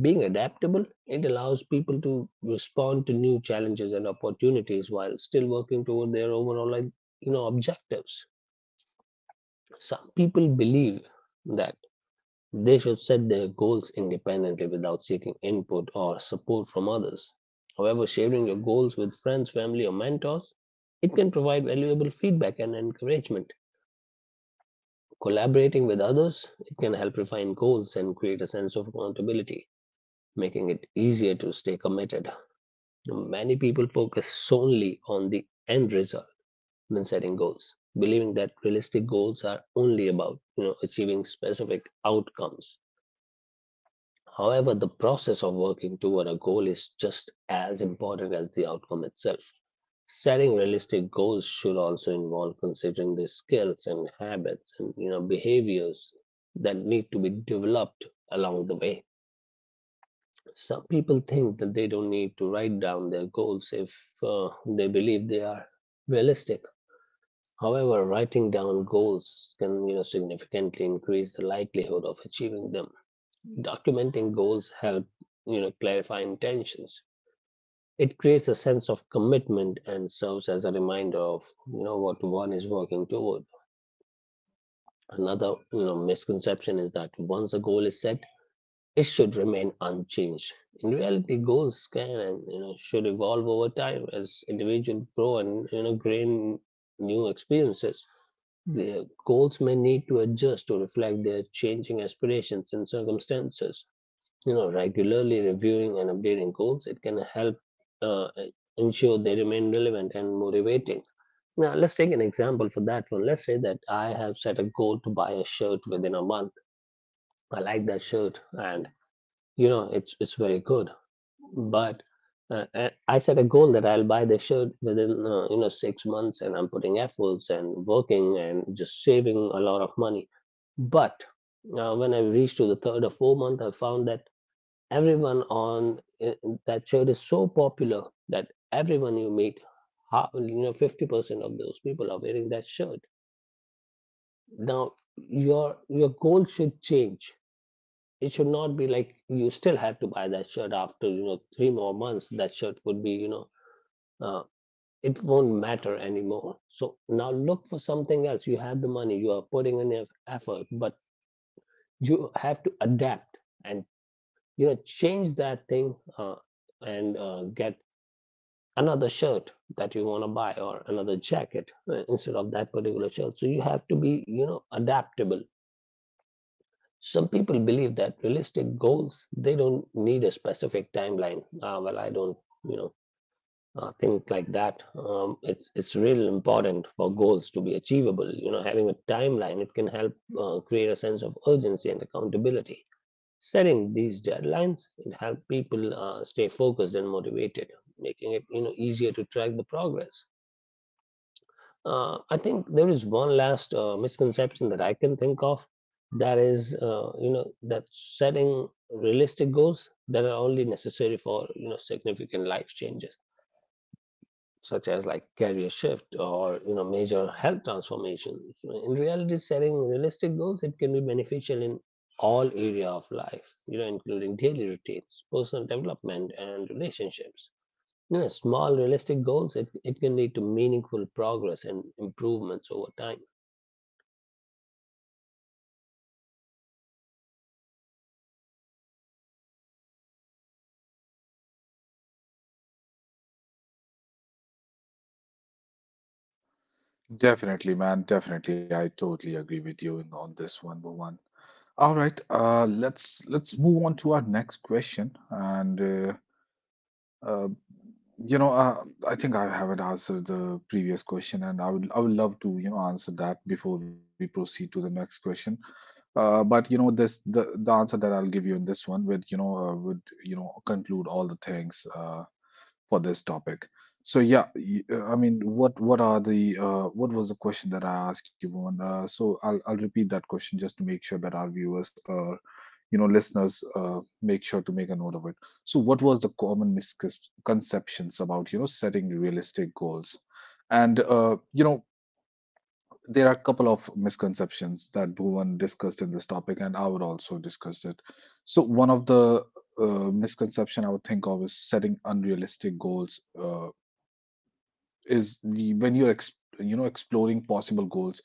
Speaker 2: Being adaptable, it allows people to respond to new challenges and opportunities while still working toward their overall objectives. Some people believe that they should set their goals independently without seeking input or support from others. However, sharing your goals with friends, family, or mentors, it can provide valuable feedback and encouragement. Collaborating with others, it can help refine goals and create a sense of accountability, making it easier to stay committed. Many people focus solely on the end result when setting goals, believing that realistic goals are only about achieving specific outcomes. However, the process of working toward a goal is just as important as the outcome itself. Setting realistic goals should also involve considering the skills and habits and behaviors that need to be developed along the way. Some people think that they don't need to write down their goals if they believe they are realistic. However, writing down goals can, you know, significantly increase the likelihood of achieving them. Documenting goals help, you know, clarify intentions. It creates a sense of commitment and serves as a reminder of, you know, what one is working toward. Another, you know, misconception is that once a goal is set, it should remain unchanged. In reality, goals can and should evolve over time as individuals grow and gain new experiences. Mm. Their goals may need to adjust to reflect their changing aspirations and circumstances. You know, regularly reviewing and updating goals it can help uh, ensure they remain relevant and motivating. Now, let's take an example for that one. Let's say that I have set a goal to buy a shirt within a month. I like that shirt, and it's very good, but I set a goal that I'll buy the shirt within 6 months, and I'm putting efforts and working and just saving a lot of money. But when I reached to the 3rd or 4th month, I found that everyone on that shirt is so popular that everyone you meet, 50% of those people are wearing that shirt. Now your goal should change. It should not be like you still have to buy that shirt after 3 more months. That shirt would be uh, it won't matter anymore. So now look for something else. You have the money, you are putting in effort, but you have to adapt and change that thing and get another shirt that you want to buy or another jacket instead of that particular shirt. So you have to be adaptable. Some people believe that realistic goals they don't need a specific timeline. Well, I don't you know think like that. It's really important for goals to be achievable. You know, having a timeline it can help create a sense of urgency and accountability. Setting these deadlines it helps people stay focused and motivated, making it easier to track the progress. I think there is one last misconception that I can think of. That is, that setting realistic goals that are only necessary for significant life changes such as like career shift or major health transformation. So in reality, setting realistic goals it can be beneficial in all area of life, including daily routines, personal development, and relationships. You know, small realistic goals it can lead to meaningful progress and improvements over time.
Speaker 1: Definitely, man. Definitely, I totally agree with you in, on this one, Bhuvan. All right, let's move on to our next question. And uh, you know, I think I haven't answered the previous question, and I would love to, you know, answer that before we proceed to the next question. But you know, this the answer that I'll give you in this one would, you know, conclude all the things for this topic. So yeah, I mean, what are the what was the question that I asked you, Bhuvan? So I'll repeat that question just to make sure that our viewers, you know, listeners, make sure to make a note of it. So what was the common misconceptions about, you know, setting realistic goals? And you know, there are a couple of misconceptions that Bhuvan discussed in this topic, and I would also discuss it. So one of the misconception I would think of is setting unrealistic goals. When you're you know, exploring possible goals,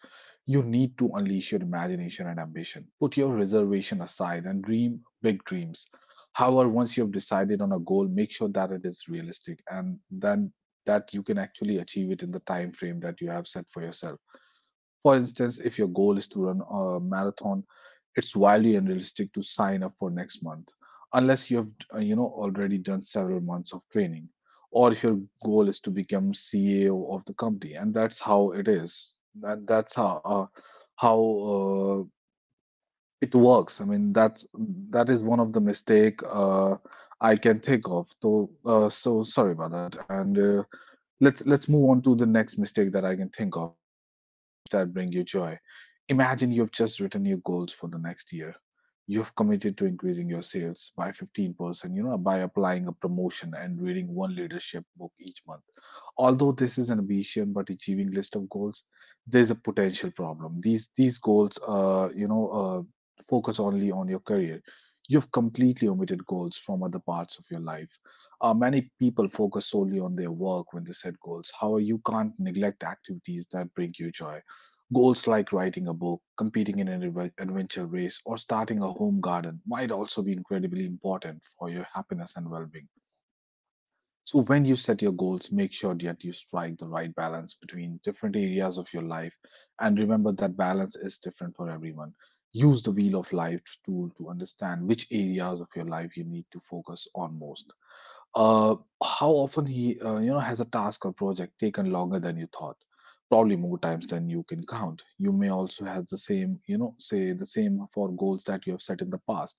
Speaker 1: you need to unleash your imagination and ambition, put your reservation aside and dream big dreams. However, once you've decided on a goal, make sure that it is realistic, and then that you can actually achieve it in the time frame that you have set for yourself. For instance, if your goal is to run a marathon, it's wildly unrealistic to sign up for next month, unless you have you know, already done several months of training. Or if your goal is to become CEO of the company, and that's how it is, and that's how how uh, it works. I mean, that's that is one of the mistake I can think of. So so sorry about that. And let's move on to the next mistake that I can think of, neglecting goals that bring you joy. Imagine you have just written your goals for the next year. You have committed to increasing your sales by 15%, you know, by applying a promotion and reading one leadership book each month. Although this is an ambition but achieving list of goals, there's a potential problem. These goals, focus only on your career. You've completely omitted goals from other parts of your life. Many people focus solely on their work when they set goals. However, you can't neglect activities that bring you joy. Goals like writing a book, competing in an adventure race, or starting a home garden might also be incredibly important for your happiness and well being. So, when you set your goals, make sure that you strike the right balance between different areas of your life. And remember that balance is different for everyone. Use the Wheel of Life tool to understand which areas of your life you need to focus on most. Uh, how often you know, has a task or project taken longer than you thought? Probably more times than you can count. You may also have the same, you know, say the same for goals that you have set in the past.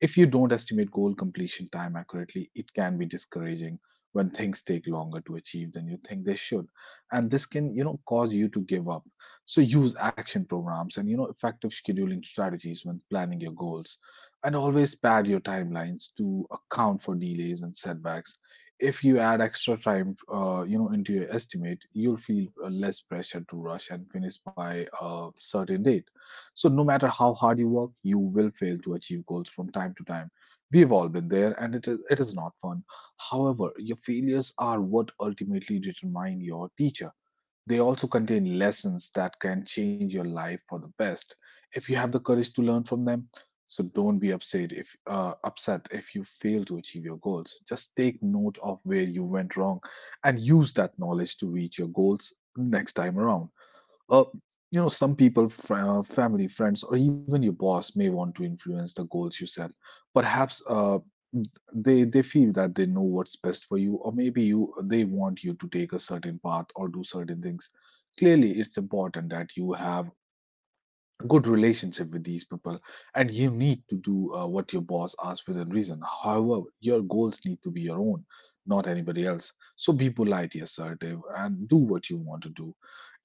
Speaker 1: If you don't estimate goal completion time accurately, it can be discouraging when things take longer to achieve than you think they should. And this can, you know, cause you to give up. So use action programs and, you know, effective scheduling strategies when planning your goals. And always pad your timelines to account for delays and setbacks. If you add extra time, you know, into your estimate, you'll feel less pressure to rush and finish by a certain date. So, no matter how hard you work, you will fail to achieve goals from time to time. We've all been there, and it is not fun. However, your failures are what ultimately determine your teacher. They also contain lessons that can change your life for the best, if you have the courage to learn from them. So don't be upset if you fail to achieve your goals. Just take note of where you went wrong, and use that knowledge to reach your goals next time around. Uh, you know, some people, family, friends, or even your boss may want to influence the goals you set. Perhaps they feel that they know what's best for you, or maybe you they want you to take a certain path or do certain things. Clearly, it's important that you have a good relationship with these people, and you need to do what your boss asks within reason. However, your goals need to be your own, not anybody else. So be politely assertive and do what you want to do.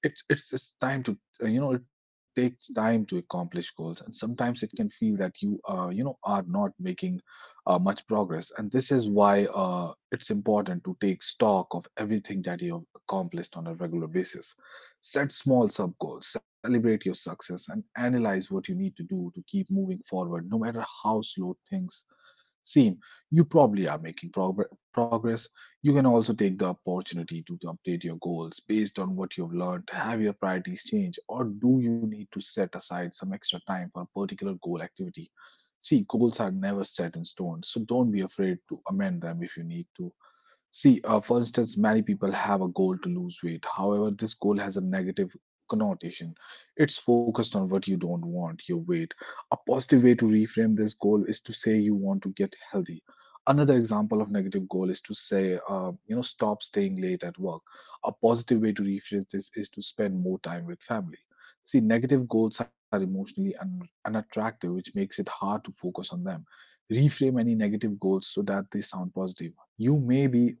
Speaker 1: It's time to it takes time to accomplish goals, and sometimes it can feel that you you know are not making much progress. And this is why it's important to take stock of everything that you have accomplished on a regular basis, set small sub goals, celebrate your success, and analyze what you need to do to keep moving forward. No matter how slow things seem, you probably are making progress. You can also take the opportunity to update your goals based on what you've learned. Have your priorities change, or do you need to set aside some extra time for a particular goal activity? See, goals are never set in stone, so don't be afraid to amend them if you need to. For instance, many people have a goal to lose weight. However, this goal has a negative connotation. It's focused on what you don't want, your weight. A positive way to reframe this goal is to say you want to get healthy. Another example of negative goal is to say, stop staying late at work. A positive way to rephrase this is to spend more time with family. See, negative goals are emotionally unattractive, which makes it hard to focus on them. Reframe any negative goals so that they sound positive. You may be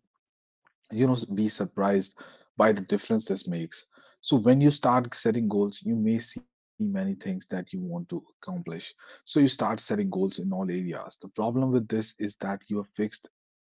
Speaker 1: you know be surprised by the difference this makes. So when you start setting goals, you may see many things that you want to accomplish, so you start setting goals in all areas. The problem with this is that you have fixed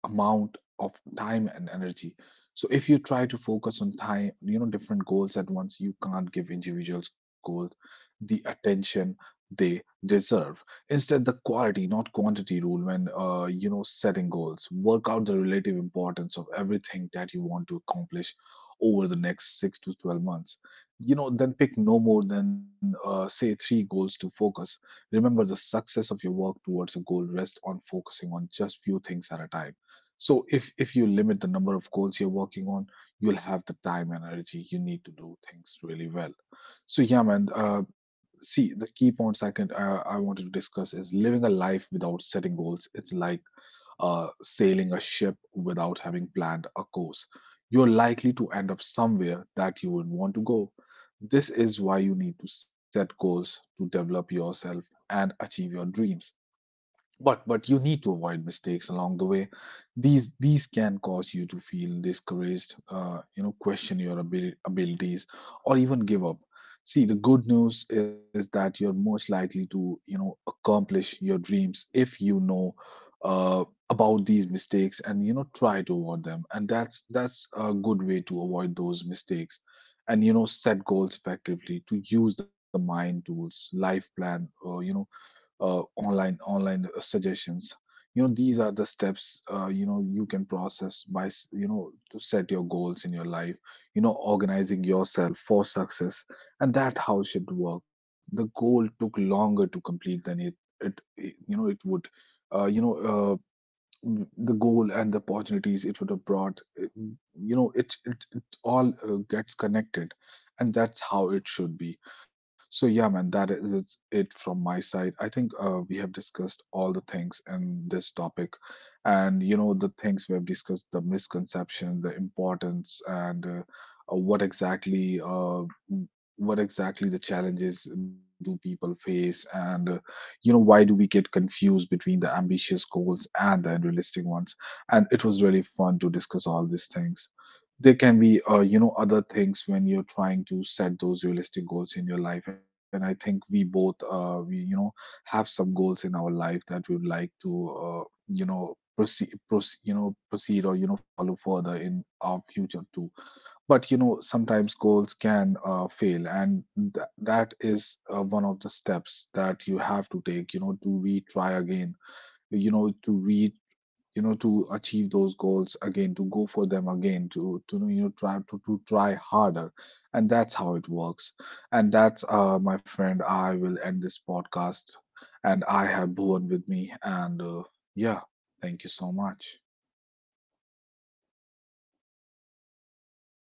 Speaker 1: amount of time and energy. So if you try to focus on time you know different goals at once, you can't give individuals goals the attention they deserve. Instead, the quality, not quantity rule when setting goals. Work out the relative importance of everything that you want to accomplish over the next six to twelve months. Then pick no more than say three goals to focus. Remember, the success of your work towards a goal rests on focusing on just few things at a time. So if you limit the number of goals you're working on, you'll have the time and energy you need to do things really well. So yeah, man. See, the key point second I wanted to discuss is, living a life without setting goals it's like sailing a ship without having planned a course. You're likely to end up somewhere that you would want to go. This is why you need to set goals, to develop yourself and achieve your dreams. But you need to avoid mistakes along the way. These can cause you to feel discouraged, question your abilities, or even give up. See, the good news is that you're most likely to accomplish your dreams if you know uh, about these mistakes, and you know try to avoid them. And that's a good way to avoid those mistakes and you know set goals effectively. To use the mind tools life plan, online suggestions, you know these are the steps you can process by s- you know to set your goals in your life. You know, organizing yourself for success, and that how it should work. The goal took longer to complete than it would. uh, you know uh, the goal and the opportunities it would have brought, it- you know it it, it all gets connected, and that's how it should be. So yeah, man, that is it from my side. I think we have discussed all the things in this topic. And you know the things we have discussed, the misconception, the importance, and what exactly the challenges do people face. And why do we get confused between the ambitious goals and the unrealistic ones. And it was really fun to discuss all these things. There can be other things when you're trying to set those realistic goals in your life. And I think we both, we you know have some goals in our life that we would like to uh, proceed, or you know follow further in our future too. But you know sometimes goals can fail, and that is one of the steps that you have to take, you know, to retry again, you know to re you know to achieve those goals again, to go for them again, to to try harder. And that's how it works. And that's my friend, I will end this podcast. And I have Bhuvan with me, and yeah, thank you so much.